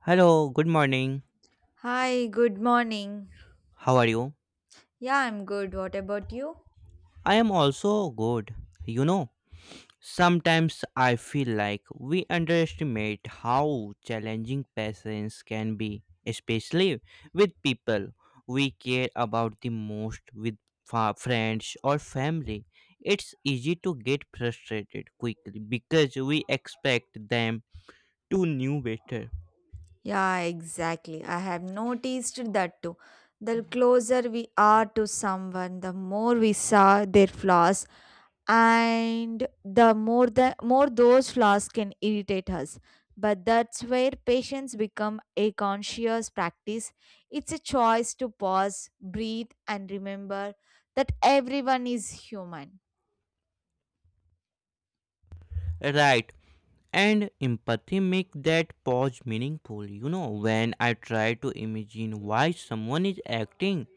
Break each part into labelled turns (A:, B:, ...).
A: Hello, good morning.
B: Hi, good morning.
A: How are you?
B: Yeah, I'm good. What about you?
A: I am also good. You know, Sometimes I feel like we underestimate how challenging patience can be, especially with people we care about the most, with friends or family. It's easy to get frustrated quickly because we expect them to know better.
B: Yeah, exactly. I have noticed that too. The closer we are to someone, the more we saw their flaws, and the more those flaws can irritate us. But that's where patience become a conscious practice. It's a choice to pause, breathe, and remember that everyone is human.
A: Right, and empathy make that pause meaningful. When I try to imagine why someone is acting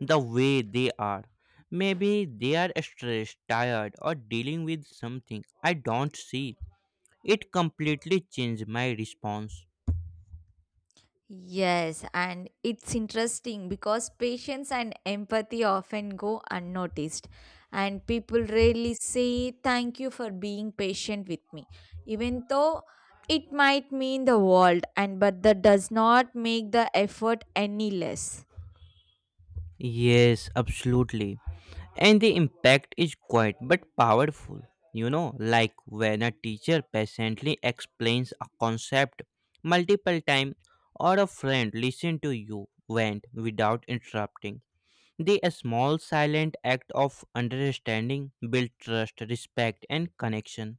A: the way they are, maybe they are stressed, tired, or dealing with something I don't see, it completely changed my response.
B: Yes, and it's interesting because patience and empathy often go unnoticed, and people rarely say thank you for being patient with me, even though it might mean the world, and but that does not make the effort any less.
A: Yes, absolutely, and the impact is quiet but powerful. Like when a teacher patiently explains a concept multiple times, or a friend listen to you vent without interrupting, the small silent act of understanding build trust, respect, and connection.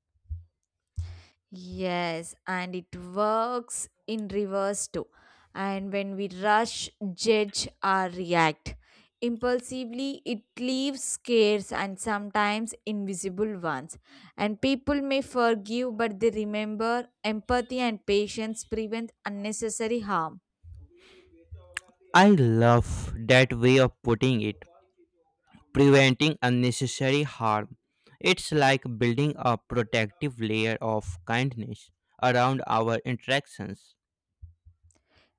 B: Yes, and it works in reverse too. And when we rush, judge, or react impulsively, it leaves scares and sometimes invisible ones. And people may forgive, but they remember empathy and patience prevent unnecessary harm.
A: I love that way of putting it, preventing unnecessary harm. It's like building a protective layer of kindness around our interactions.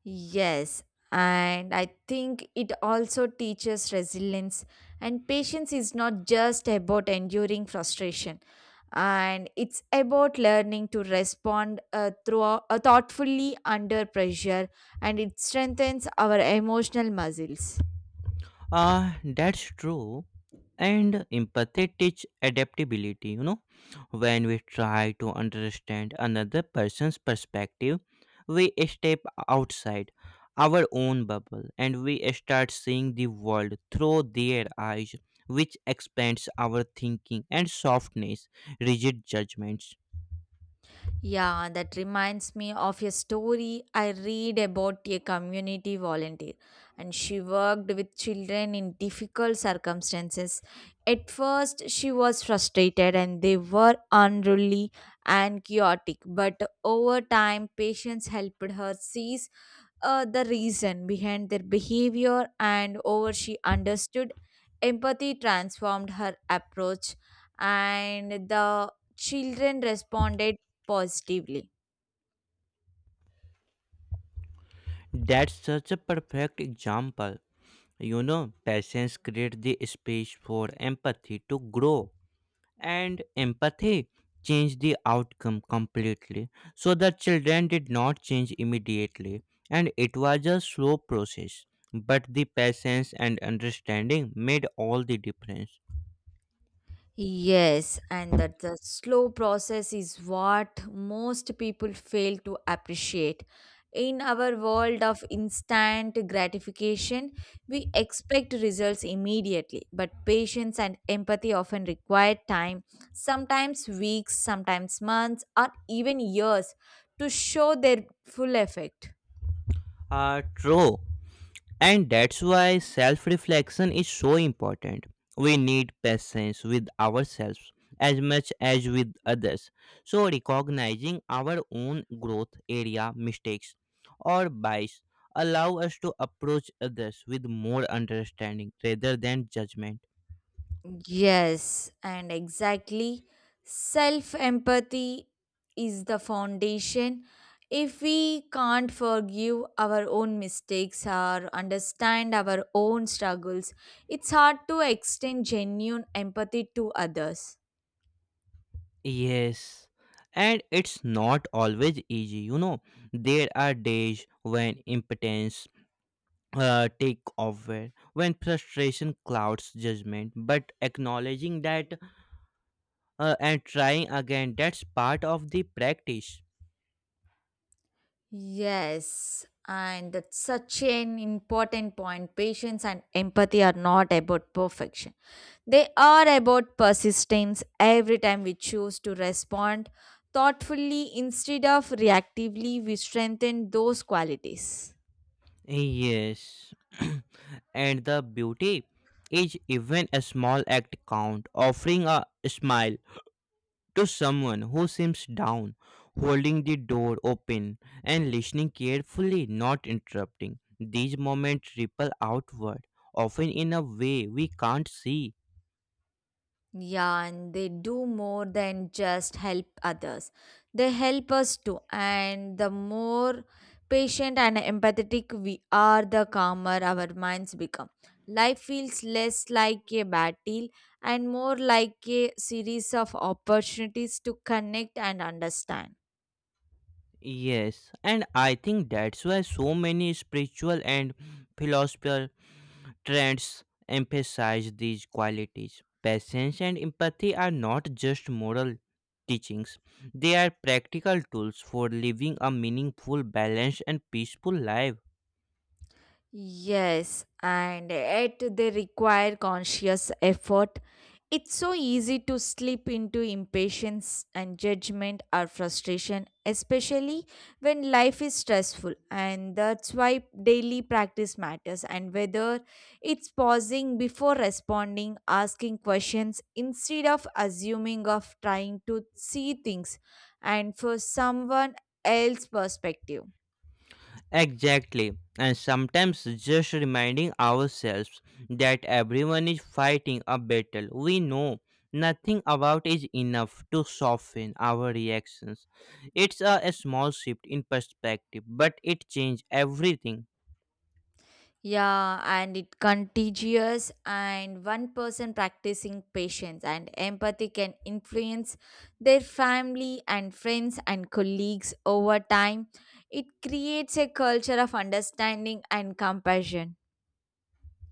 B: Yes, and I think it also teaches resilience. And patience is not just about enduring frustration, and it's about learning to respond through thoughtfully under pressure, and it strengthens our emotional muscles.
A: That's true. And empathy teach adaptability. When we try to understand another person's perspective, we step outside our own bubble, and we start seeing the world through their eyes, which expands our thinking and softness, rigid judgments.
B: Yeah, that reminds me of a story I read about a community volunteer, and she worked with children in difficult circumstances. At first, she was frustrated, and they were unruly and chaotic, but over time, patience helped her see the reason behind their behavior and over she understood empathy transformed her approach and the children responded positively.
A: That's such a perfect example. You know, patience creates the space for empathy to grow, and empathy changed the outcome completely. So the children did not change immediately, and it was a slow process. But the patience and understanding made all the difference.
B: Yes, and that the slow process is what most people fail to appreciate. In our world of instant gratification, we expect results immediately, but patience and empathy often require time, sometimes weeks, sometimes months, or even years to show their full effect.
A: True. And that's why self reflection is so important. We need patience with ourselves as much as with others. So, recognizing our own growth area, mistakes, or bias allow us to approach others with more understanding rather than judgment.
B: Yes, and exactly. Self empathy is the foundation. If we can't forgive our own mistakes or understand our own struggles, it's hard to extend genuine empathy to others.
A: Yes. And it's not always easy, you know. There are days when impatience take over, when frustration clouds judgment, but acknowledging that and trying again, that's part of the practice.
B: Yes, and that's such an important point. Patience and empathy are not about perfection, they are about persistence. Every time we choose to respond thoughtfully instead of reactively, we strengthen those qualities.
A: Yes. And the beauty is even a small act count, offering a smile to someone who seems down, holding the door open, and listening carefully, not interrupting. These moments ripple outward, often in a way we can't see.
B: Yeah, and they do more than just help others. They help us too. And the more patient and empathetic we are, the calmer our minds become. Life feels less like a battle and more like a series of opportunities to connect and understand.
A: Yes, and I think that's why so many spiritual and philosophical trends emphasize these qualities. Patience and empathy are not just moral teachings, they are practical tools for living a meaningful, balanced, and peaceful life.
B: Yes, and yet they require conscious effort. It's so easy to slip into impatience and judgment or frustration, especially when life is stressful. And that's why daily practice matters. And whether it's pausing before responding, asking questions instead of assuming, of trying to see things and for someone else's perspective.
A: Exactly. And sometimes just reminding ourselves that everyone is fighting a battle we know nothing about is enough to soften our reactions. It's a small shift in perspective, but it changes everything.
B: Yeah, and it contagious and one person practicing patience and empathy can influence their family and friends and colleagues over time. It creates a culture of understanding and compassion.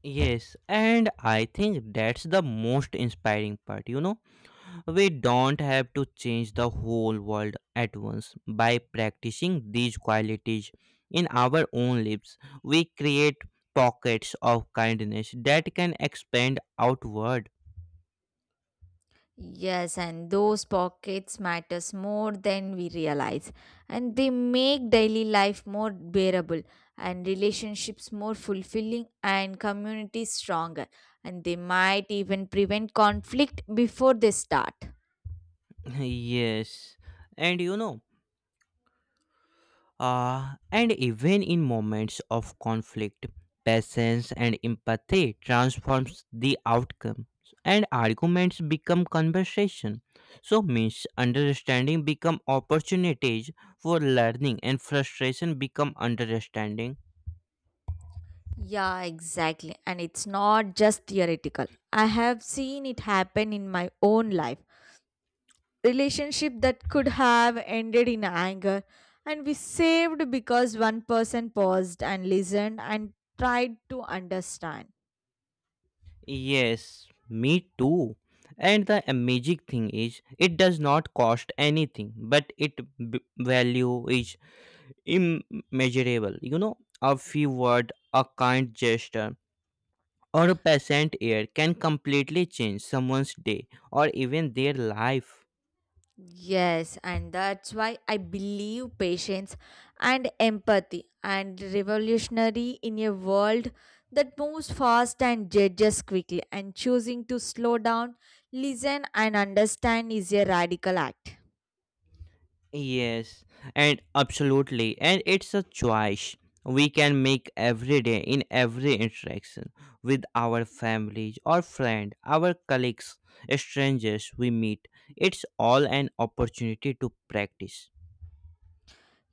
A: Yes, and I think that's the most inspiring part, you know. We don't have to change the whole world at once. By practicing these qualities in our own lives, we create pockets of kindness that can expand outward.
B: Yes, and those pockets matters more than we realize and they make daily life more bearable and relationships more fulfilling and communities stronger and they might even prevent conflict before they start.
A: Yes, and you know. And even in moments of conflict, patience and empathy transforms the outcome, and arguments become conversation. So misunderstanding become opportunities for learning, and frustration become understanding.
B: Yeah, exactly. And it's not just theoretical. I have seen it happen in my own life relationship that could have ended in anger and we saved because one person paused and listened and tried to understand.
A: Yes, me too. And the amazing thing is, it does not cost anything, but its value is immeasurable. You know, a few words, a kind gesture, or a pleasant air can completely change someone's day or even their life.
B: Yes, and that's why I believe patience and empathy and revolutionary in a world that moves fast and judges quickly and choosing to slow down, listen and understand is a radical act.
A: Yes, and absolutely, and it's a choice we can make every day in every interaction with our families or friends, our colleagues, strangers we meet. It's all an opportunity to practice.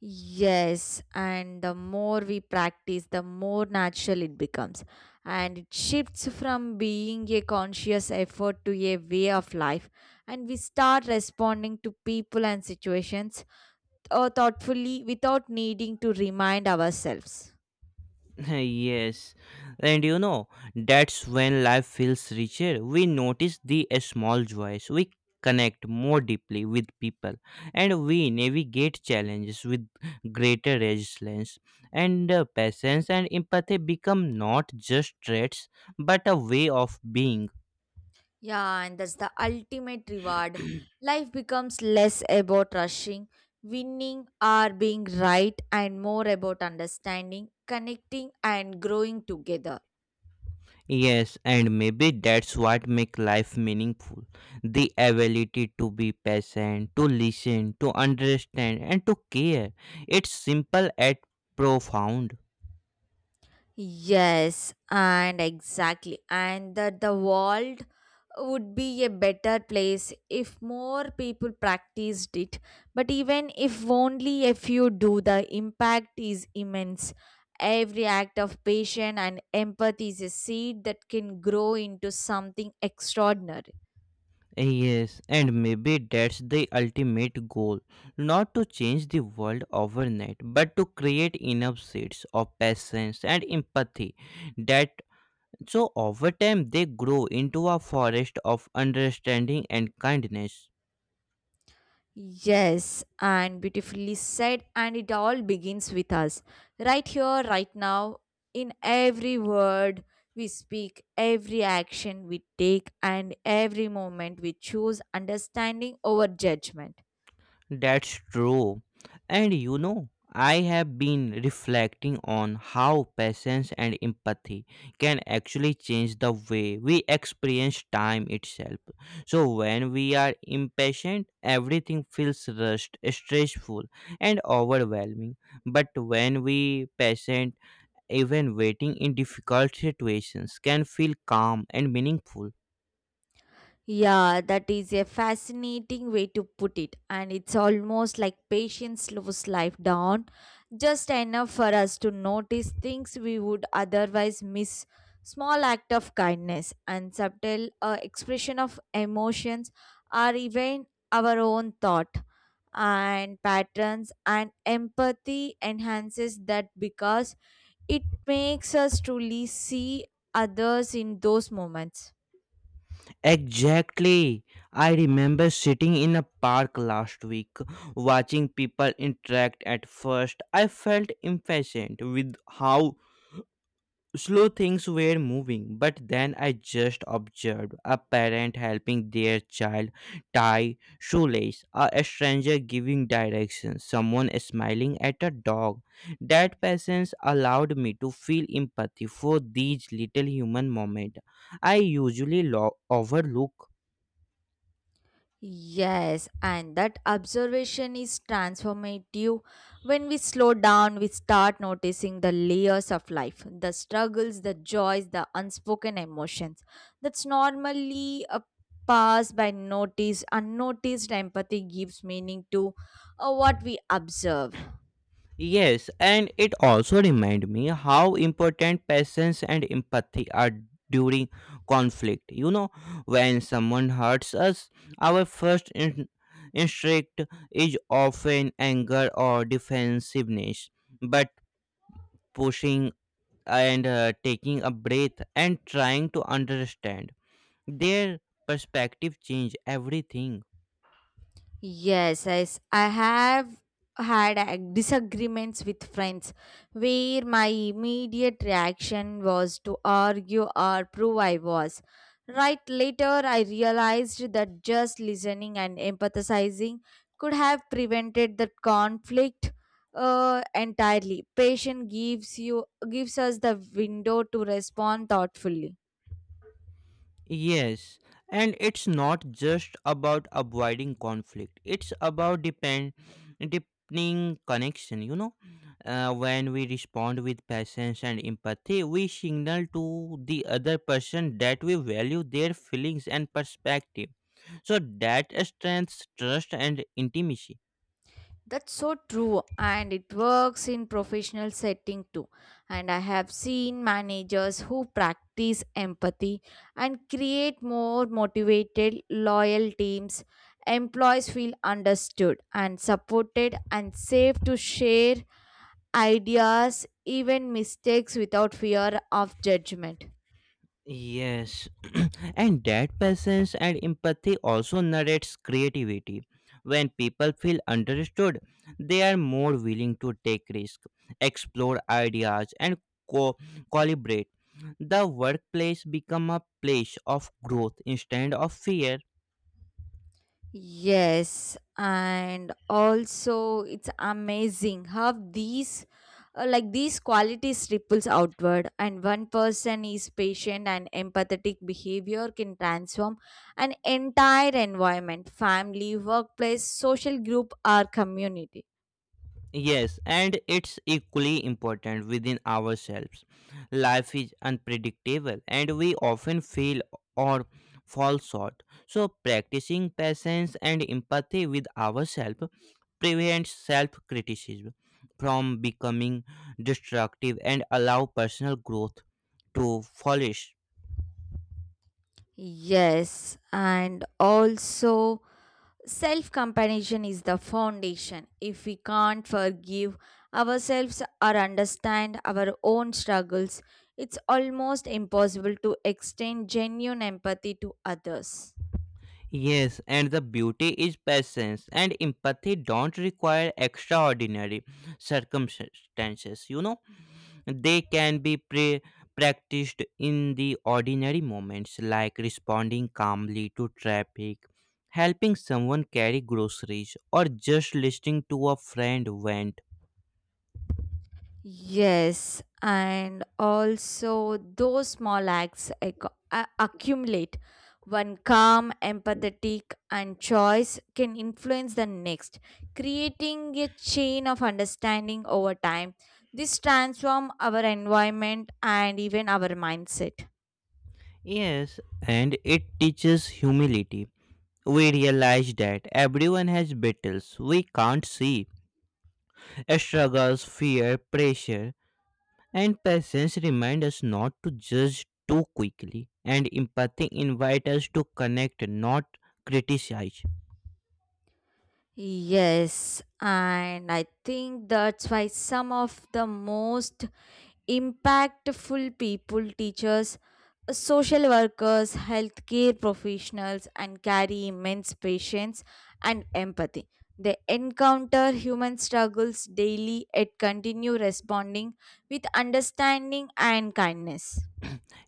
B: Yes, and the more we practice, the more natural it becomes. And it shifts from being a conscious effort to a way of life. And we start responding to people and situations thoughtfully without needing to remind ourselves.
A: Yes, and you know, that's when life feels richer. We notice the small joys, we connect more deeply with people, and we navigate challenges with greater resilience. And patience and empathy become not just traits but a way of being.
B: Yeah, and that's the ultimate reward. Life becomes less about rushing, winning, or being right, and more about understanding, connecting, and growing together.
A: Yes, and maybe that's what make life meaningful. The ability to be patient, to listen, to understand, and to care. It's simple yet profound.
B: Yes, and exactly. And that the world would be a better place if more people practiced it. But even if only a few do, the impact is immense. Every act of patience and empathy is a seed that can grow into something extraordinary.
A: Yes, and maybe that's the ultimate goal. Not to change the world overnight, but to create enough seeds of patience and empathy that so over time they grow into a forest of understanding and kindness.
B: Yes, and beautifully said, and it all begins with us. Right here, right now, in every word we speak, every action we take, and every moment we choose understanding over judgment.
A: That's true. And you know, I have been reflecting on how patience and empathy can actually change the way we experience time itself. So, when we are impatient, everything feels rushed, stressful, and overwhelming. But when we patient, even waiting in difficult situations can feel calm and meaningful.
B: Yeah, that is a fascinating way to put it. And it's almost like patience slows life down just enough for us to notice things we would otherwise miss. Small act of kindness and subtle expression of emotions are even our own thought and patterns and empathy enhances that because it makes us truly see others in those moments.
A: Exactly. I remember sitting in a park last week, watching people interact at first. I felt impatient with how slow things were moving, but then I just observed a parent helping their child tie shoelace, a stranger giving directions, someone smiling at a dog. That patience allowed me to feel empathy for these little human moments I usually overlook.
B: Yes, and that observation is transformative. When we slow down, we start noticing the layers of life, the struggles, the joys, the unspoken emotions. That's normally a pass by notice. Unnoticed empathy gives meaning to what we observe.
A: Yes, and it also reminds me how important patience and empathy are during conflict. You know, when someone hurts us, our first instinct is often anger or defensiveness. But pushing and taking a breath and trying to understand their perspective change everything.
B: Yes, I have had disagreements with friends where my immediate reaction was to argue or prove I was right. Later, I realized that just listening and empathizing could have prevented the conflict entirely. Patience gives us the window to respond thoughtfully.
A: Yes, and it's not just about avoiding conflict. It's about depend deepening connection. You know, when we respond with patience and empathy, we signal to the other person that we value their feelings and perspective. So that strengthens trust and intimacy.
B: That's so true, and it works in professional setting too. And I have seen managers who practice empathy and create more motivated, loyal teams. Employees feel understood and supported and safe to share ideas, even mistakes, without fear of judgment.
A: Yes, and that patience and empathy also narrates creativity. When people feel understood, they are more willing to take risks, explore ideas, and co- collaborate. The workplace become a place of growth instead of fear.
B: Yes, and also it's amazing how these qualities ripples outward and one person is patient and empathetic behavior can transform an entire environment, family, workplace, social group or community.
A: Yes, and it's equally important within ourselves. Life is unpredictable, and we often fail or fall short. So, practicing patience and empathy with ourselves prevents self criticism from becoming destructive and allow personal growth to flourish.
B: Yes, and also self compassion is the foundation. If we can't forgive ourselves or understand our own struggles, it's almost impossible to extend genuine empathy to others.
A: Yes, and the beauty is patience and empathy don't require extraordinary circumstances, you know. They can be practiced in the ordinary moments, like responding calmly to traffic, helping someone carry groceries, or just listening to a friend vent.
B: Yes, and also those small accumulate. One calm, empathetic, and choice can influence the next, creating a chain of understanding over time. This transforms our environment and even our mindset.
A: Yes, and it teaches humility. We realize that everyone has battles we can't see. Struggles, fear, pressure, and patience remind us not to judge too quickly, and empathy invite us to connect, not criticize.
B: Yes, and I think that's why some of the most impactful people, teachers, social workers, healthcare professionals, and carry immense patience and empathy. They encounter human struggles daily and continue responding with understanding and kindness.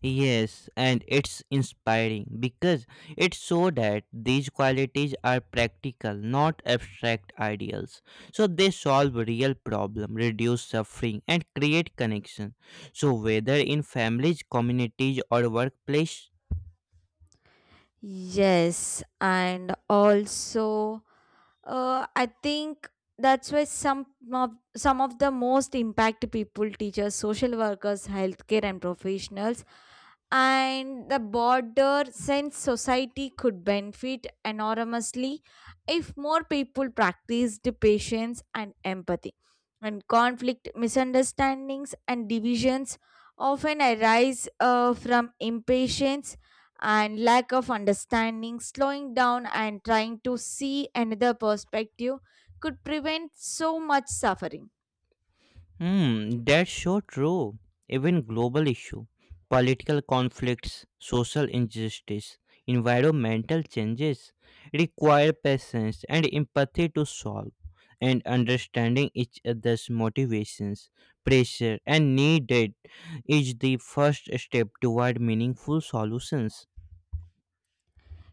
A: Yes, and it's inspiring because it shows that these qualities are practical, not abstract ideals. So they solve real problem, reduce suffering, and create connection. So whether in families, communities, or workplace.
B: Yes, and also, I think that's why of some of the most impact people, teachers, social workers, healthcare, and professionals and the border sense society could benefit enormously if more people practiced patience and empathy and conflict misunderstandings and divisions often arise from impatience and lack of understanding slowing down and trying to see another perspective could prevent so much suffering.
A: Hmm, that's so true. Even global issue, political conflicts, social injustice, environmental changes require patience and empathy to solve, and understanding each other's motivations, pressure, and needed is the first step toward meaningful solutions.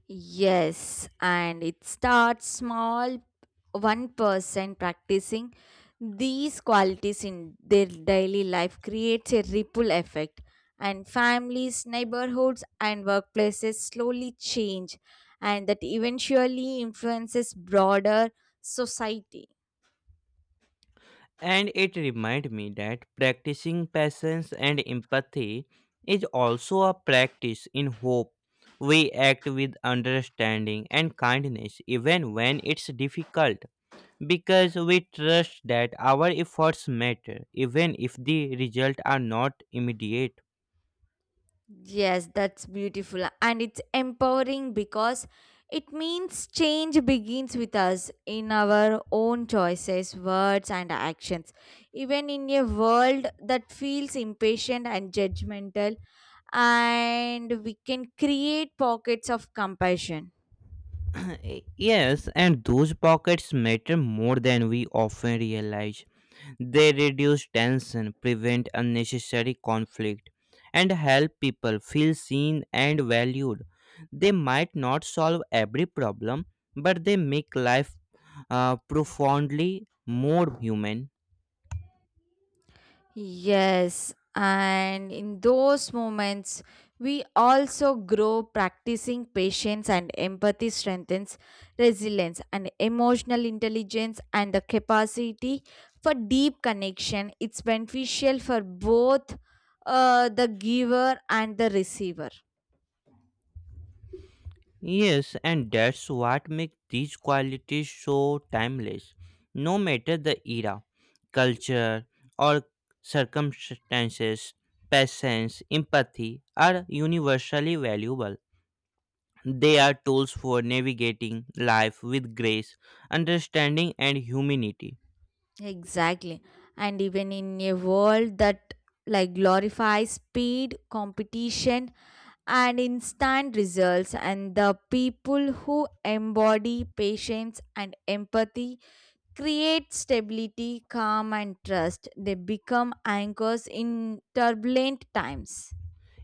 B: Yes, and it starts small. One person practicing these qualities in their daily life creates a ripple effect, and families, neighborhoods, and workplaces slowly change, and that eventually influences broader society.
A: And it reminded me that practicing patience and empathy is also a practice in hope. We act with understanding and kindness even when it's difficult because we trust that our efforts matter even if the results are not immediate.
B: Yes, that's beautiful. And it's empowering because it means change begins with us in our own choices, words, and actions. Even in a world that feels impatient and judgmental, and we can create pockets of compassion.
A: Uh, Yes, and those pockets matter more than we often realize. They reduce tension, prevent unnecessary conflict, and help people feel seen and valued. They might not solve every problem, but they make life profoundly more human.
B: Yes, and in those moments, we also grow practicing patience and empathy strengthens resilience and emotional intelligence and the capacity for deep connection. It's beneficial for both the giver and the receiver.
A: Yes, and that's what makes these qualities so timeless. No matter the era, culture, or circumstances, patience, empathy are universally valuable. They are tools for navigating life with grace, understanding, and humanity.
B: Exactly. And even in a world that like glorifies speed, competition, and instant results, and the people who embody patience and empathy create stability, calm, and trust. They become anchors in turbulent times.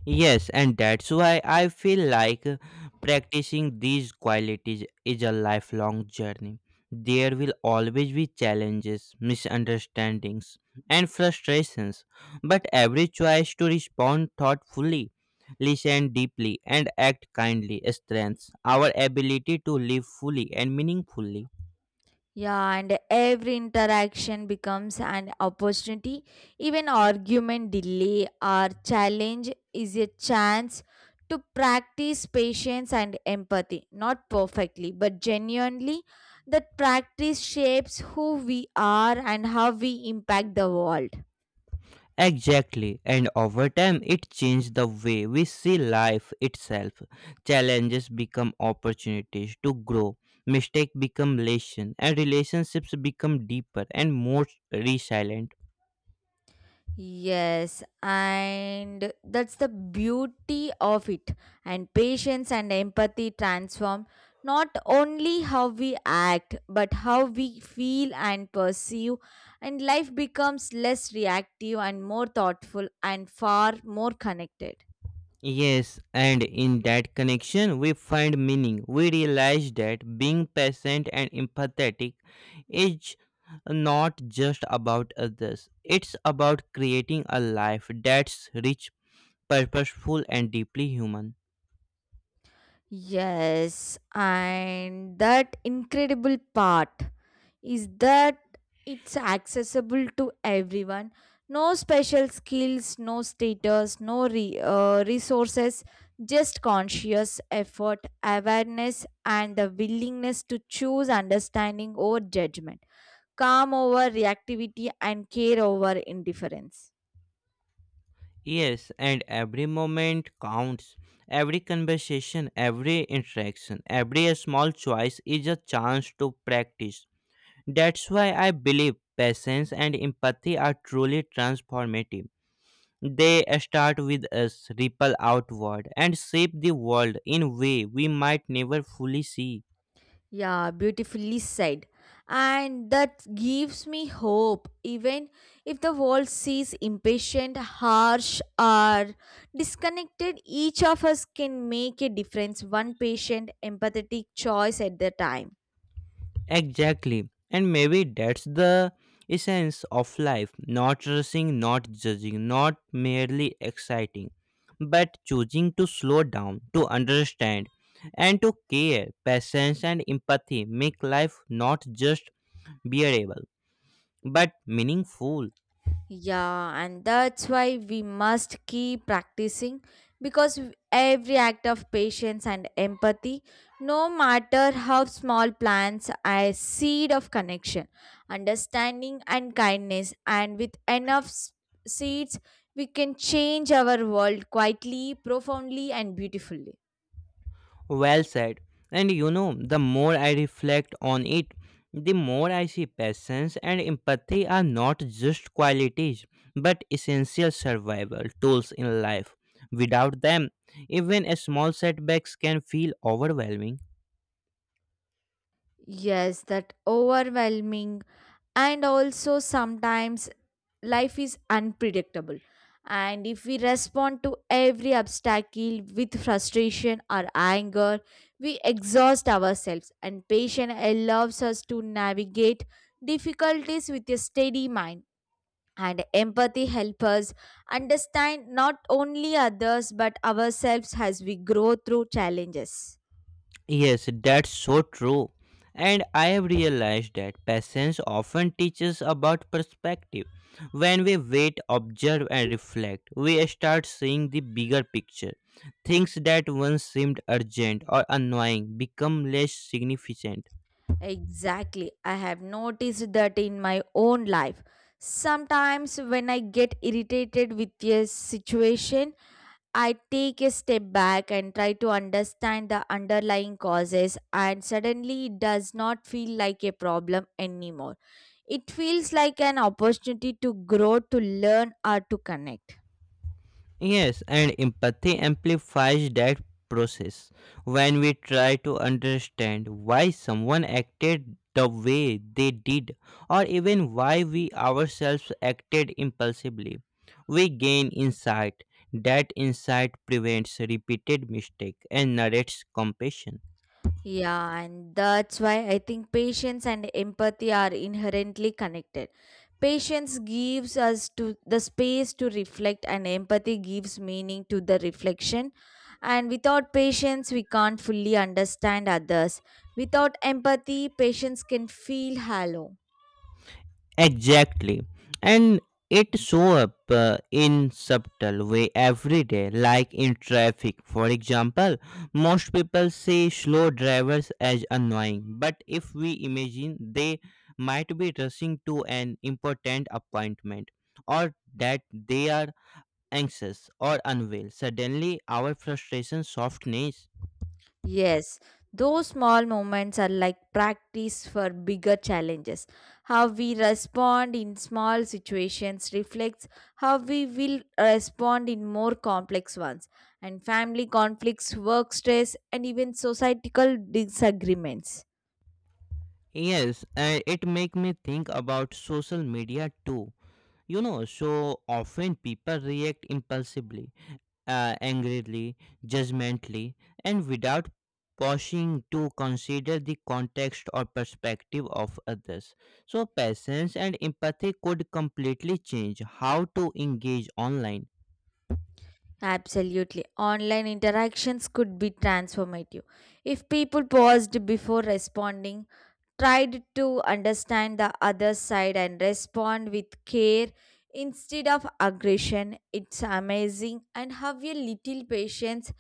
A: Yes, and that's why I feel like practicing these qualities is a lifelong journey. There will always be challenges, misunderstandings, and frustrations, but every choice to respond thoughtfully, listen deeply, and act kindly strengthens our ability to live fully and meaningfully.
B: Yeah, and every interaction becomes an opportunity. Even argument, delay, or challenge is a chance to practice patience and empathy. Not perfectly, but genuinely, that practice shapes who we are and how we impact the world.
A: Exactly, and over time it changed the way we see life itself. Challenges become opportunities to grow, mistakes become lessons, and relationships become deeper and more resilient.
B: Yes, and that's the beauty of it. And patience and empathy transform not only how we act, but how we feel and perceive. And life becomes less reactive and more thoughtful and far more connected.
A: Yes, and in that connection, we find meaning. We realize that being patient and empathetic is not just about others, it's about creating a life that's rich, purposeful, and deeply human.
B: Yes, and that incredible part is that it's accessible to everyone. No special skills, no status, no re- resources, just conscious effort, awareness, and the willingness to choose understanding over judgment, calm over reactivity, and care over indifference.
A: Yes, and every moment counts. Every conversation, every interaction, every small choice is a chance to practice. That's why I believe patience and empathy are truly transformative. They start with us, ripple outward, and shape the world in a way we might never fully see.
B: Yeah, beautifully said. And that gives me hope, even if the world sees impatient, harsh, or disconnected, each of us can make a difference, one patient, empathetic choice at the time.
A: Exactly. And maybe that's the essence of life, not rushing, not judging, not merely exciting, but choosing to slow down, to understand, and to care. Patience and empathy make life not just bearable, but meaningful.
B: Yeah, and that's why we must keep practicing because every act of patience and empathy, no matter how small, plants a seed of connection, understanding, and kindness. And with enough seeds, we can change our world quietly, profoundly, and beautifully.
A: Well said. And you know, the more I reflect on it, the more I see patience and empathy are not just qualities but essential survival tools in life. Without them, even a small setbacks can feel overwhelming.
B: Yes, that overwhelming and also sometimes life is unpredictable. And if we respond to every obstacle with frustration or anger, we exhaust ourselves. And patience allows us to navigate difficulties with a steady mind. And empathy helps us understand not only others but ourselves as we grow through challenges.
A: Yes, that's so true. And I have realized that patience often teaches about perspective. When we wait, observe, and reflect, we start seeing the bigger picture. Things that once seemed urgent or annoying become less significant.
B: Exactly. I have noticed that in my own life. Sometimes, when I get irritated with a situation, I take a step back and try to understand the underlying causes, and suddenly it does not feel like a problem anymore. It feels like an opportunity to grow, to learn, or to connect.
A: Yes, and empathy amplifies that process. When we try to understand why someone acted the way they did, or even why we ourselves acted impulsively, we gain insight. That insight prevents repeated mistake and narrates compassion.
B: Yeah, and that's why I think patience and empathy are inherently connected. Patience gives us to the space to reflect and empathy gives meaning to the reflection. And without patience, we can't fully understand others. Without empathy, patience can feel hollow.
A: Exactly. And it show up in subtle way every day, like in traffic for example. Most people see slow drivers as annoying, but if we imagine they might be rushing to an important appointment, or that they are anxious or unwell, suddenly our frustration softens.
B: Yes, those small moments are like practice for bigger challenges. How we respond in small situations reflects how we will respond in more complex ones, and family conflicts, work stress, and even societal disagreements.
A: Yes, it make me think about social media too. You know, so often people react impulsively, angrily, judgmentally, and without pausing to consider the context or perspective of others. So patience and empathy could completely change how to engage online.
B: Absolutely. Online interactions could be transformative. If people paused before responding, tried to understand the other side and respond with care instead of aggression, it's amazing and how a little patience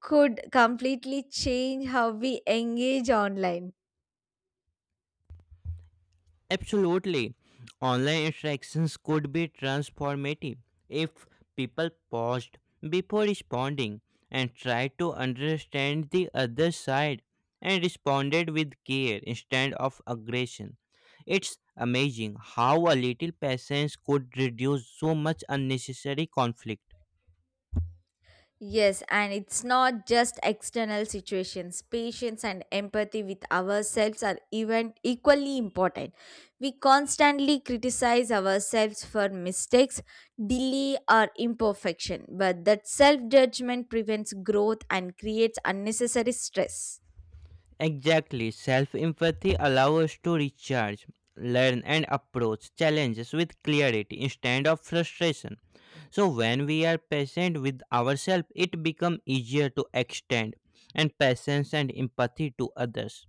B: could completely change how we engage online.
A: Absolutely. Online interactions could be transformative if people paused before responding and tried to understand the other side and responded with care instead of aggression. It's amazing how a little patience could reduce so much unnecessary conflict.
B: Yes, and it's not just external situations. Patience and empathy with ourselves are even equally important. We constantly criticize ourselves for mistakes, delay, or imperfection, but that self judgment prevents growth and creates unnecessary stress.
A: Exactly, self empathy allows us to recharge, learn, and approach challenges with clarity instead of frustration. So, when we are patient with ourselves, it becomes easier to extend and patience and empathy to others.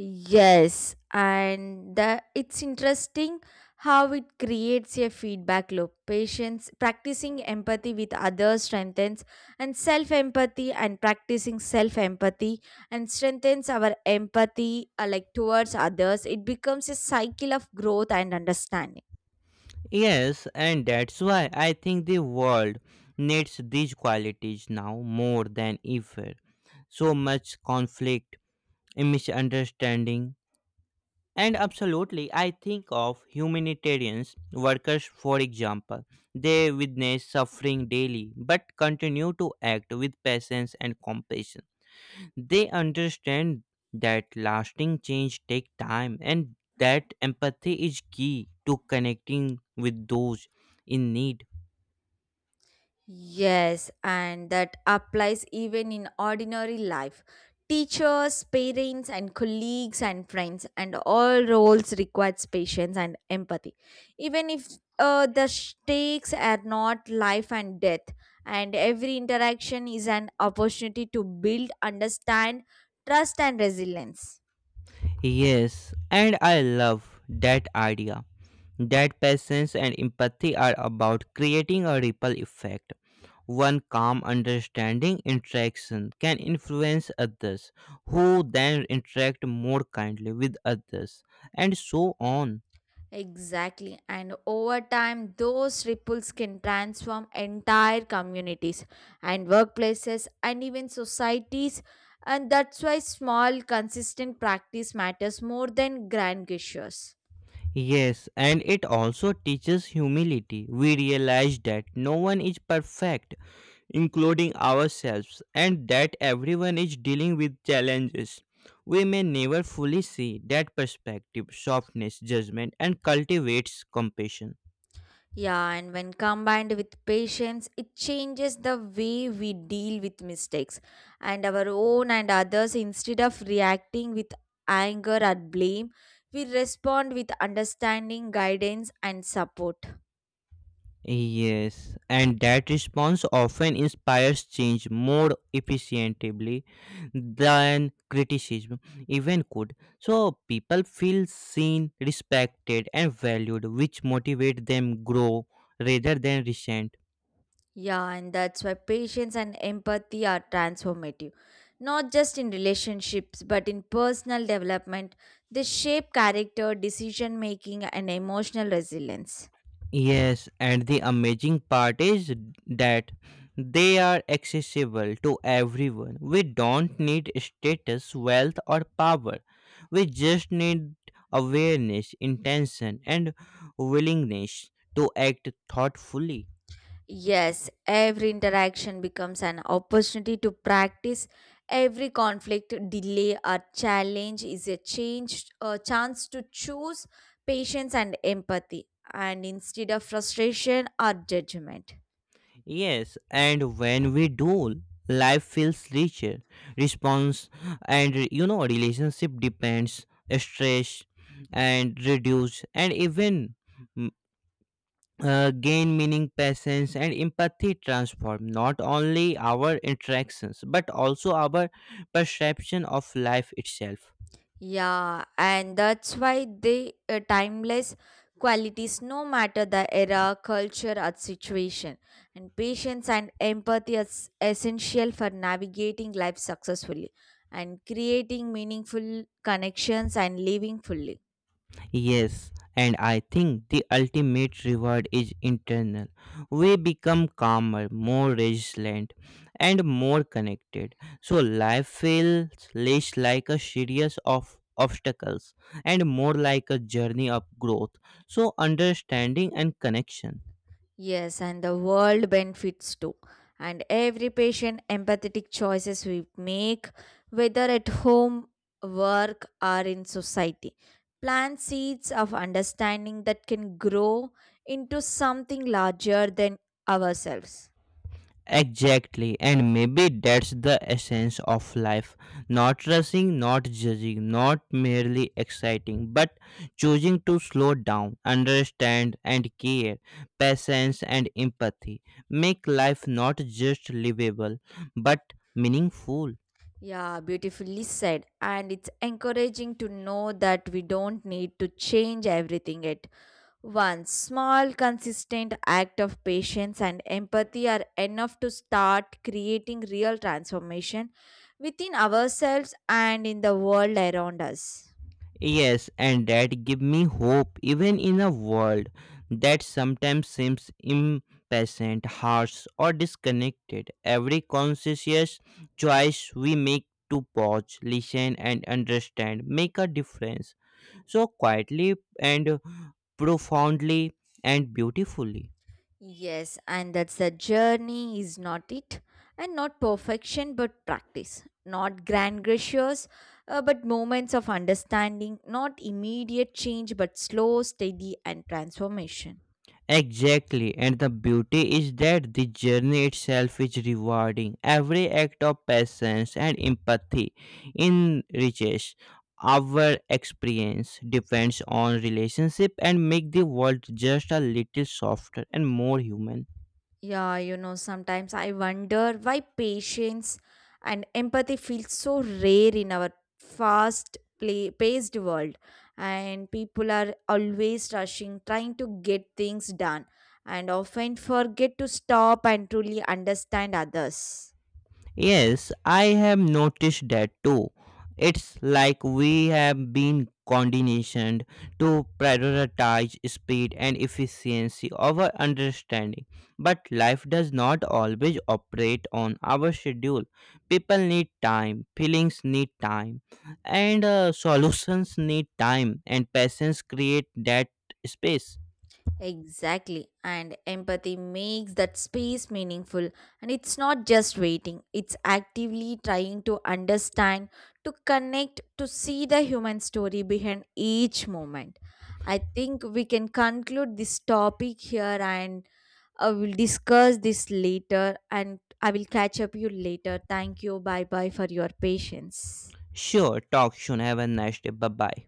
B: Yes, and the, it's interesting how it creates a feedback loop. Patience practicing empathy with others strengthens and self empathy, and practicing self empathy and strengthens our empathy like towards others. It becomes a cycle of growth and understanding.
A: Yes, and that's why I think the world needs these qualities now more than ever. So much conflict, misunderstanding, and absolutely, I think of humanitarian workers, for example. They witness suffering daily but continue to act with patience and compassion. They understand that lasting change takes time and that empathy is key to connecting with those in need.
B: Yes, and that applies even in ordinary life. Teachers, parents, and colleagues and friends, and all roles requires patience and empathy. Even if the stakes are not life and death, and every interaction is an opportunity to build, understand, trust, and resilience.
A: Yes, and I love that idea. That patience and empathy are about creating a ripple effect. One calm understanding interaction can influence others, who then interact more kindly with others, and so on.
B: Exactly. And over time, those ripples can transform entire communities and workplaces and even societies. And that's why small, consistent practice matters more than grand gestures.
A: Yes, and it also teaches humility. We realize that no one is perfect, including ourselves, and that everyone is dealing with challenges. We may never fully see that perspective, softness, judgment, and cultivates compassion.
B: Yeah, and when combined with patience, it changes the way we deal with mistakes and our own and others. Instead of reacting with anger or blame, we respond with understanding, guidance, and support.
A: Yes, and that response often inspires change more efficiently than criticism even could. So people feel seen, respected, and valued, which motivate them grow rather than resent.
B: Yeah, and that's why patience and empathy are transformative. Not just in relationships, but in personal development, they shape character, decision making, and emotional resilience.
A: Yes, and the amazing part is that they are accessible to everyone. We don't need status, wealth, or power. We just need awareness, intention, and willingness to act thoughtfully.
B: Yes, every interaction becomes an opportunity to practice. Every conflict, delay, or challenge is a change, a chance to choose patience and empathy, and instead of frustration or judgment.
A: Yes, and when we do, life feels richer. Response and, you know, relationship depends, stress and reduce, and even gain meaning, patience, and empathy transform not only our interactions but also our perception of life itself.
B: Yeah, and that's why they timeless qualities no matter the era, culture, or situation. And patience and empathy is essential for navigating life successfully and creating meaningful connections and living fully.
A: Yes, and I think the ultimate reward is internal. We become calmer, more resilient, and more connected. So life feels less like a series of obstacles and more like a journey of growth. So understanding and connection.
B: Yes, and the world benefits too. And every patient empathetic choices we make, whether at home, work, or in society, plant seeds of understanding that can grow into something larger than ourselves.
A: Exactly, and maybe that's the essence of life, not rushing, not judging, not merely exciting, but choosing to slow down, understand, and care. Patience and empathy make life not just livable but meaningful.
B: Yeah, beautifully said. And it's encouraging to know that we don't need to change everything yet. One small, consistent act of patience and empathy are enough to start creating real transformation within ourselves and in the world around us.
A: Yes, and that give me hope even in a world that sometimes seems impatient, harsh, or disconnected. Every conscious choice we make to pause, listen, and understand make a difference. So quietly and profoundly and beautifully.
B: Yes, and that's the journey, is not it? And not perfection, but practice. Not grand gestures, but moments of understanding. Not immediate change, but slow, steady, and transformation.
A: Exactly, and the beauty is that the journey itself is rewarding. Every act of patience and empathy enriches our experience, depends on relationship, and make the world just a little softer and more human.
B: Yeah, you know, sometimes I wonder why patience and empathy feel so rare in our fast play paced world and people are always rushing trying to get things done and often forget to stop and truly understand others.
A: Yes, I have noticed that too. It's like we have been conditioned to prioritize speed and efficiency over understanding. But life does not always operate on our schedule. People need time, feelings need time, and solutions need time, and patience create that space.
B: Exactly. And empathy makes that space meaningful. And it's not just waiting, it's actively trying to understand, to connect, to see the human story behind each moment. I think we can conclude this topic here and I will discuss this later and I will catch up you later. Thank you. Bye bye for your patience.
A: Sure, talk soon. Have a nice day. Bye bye.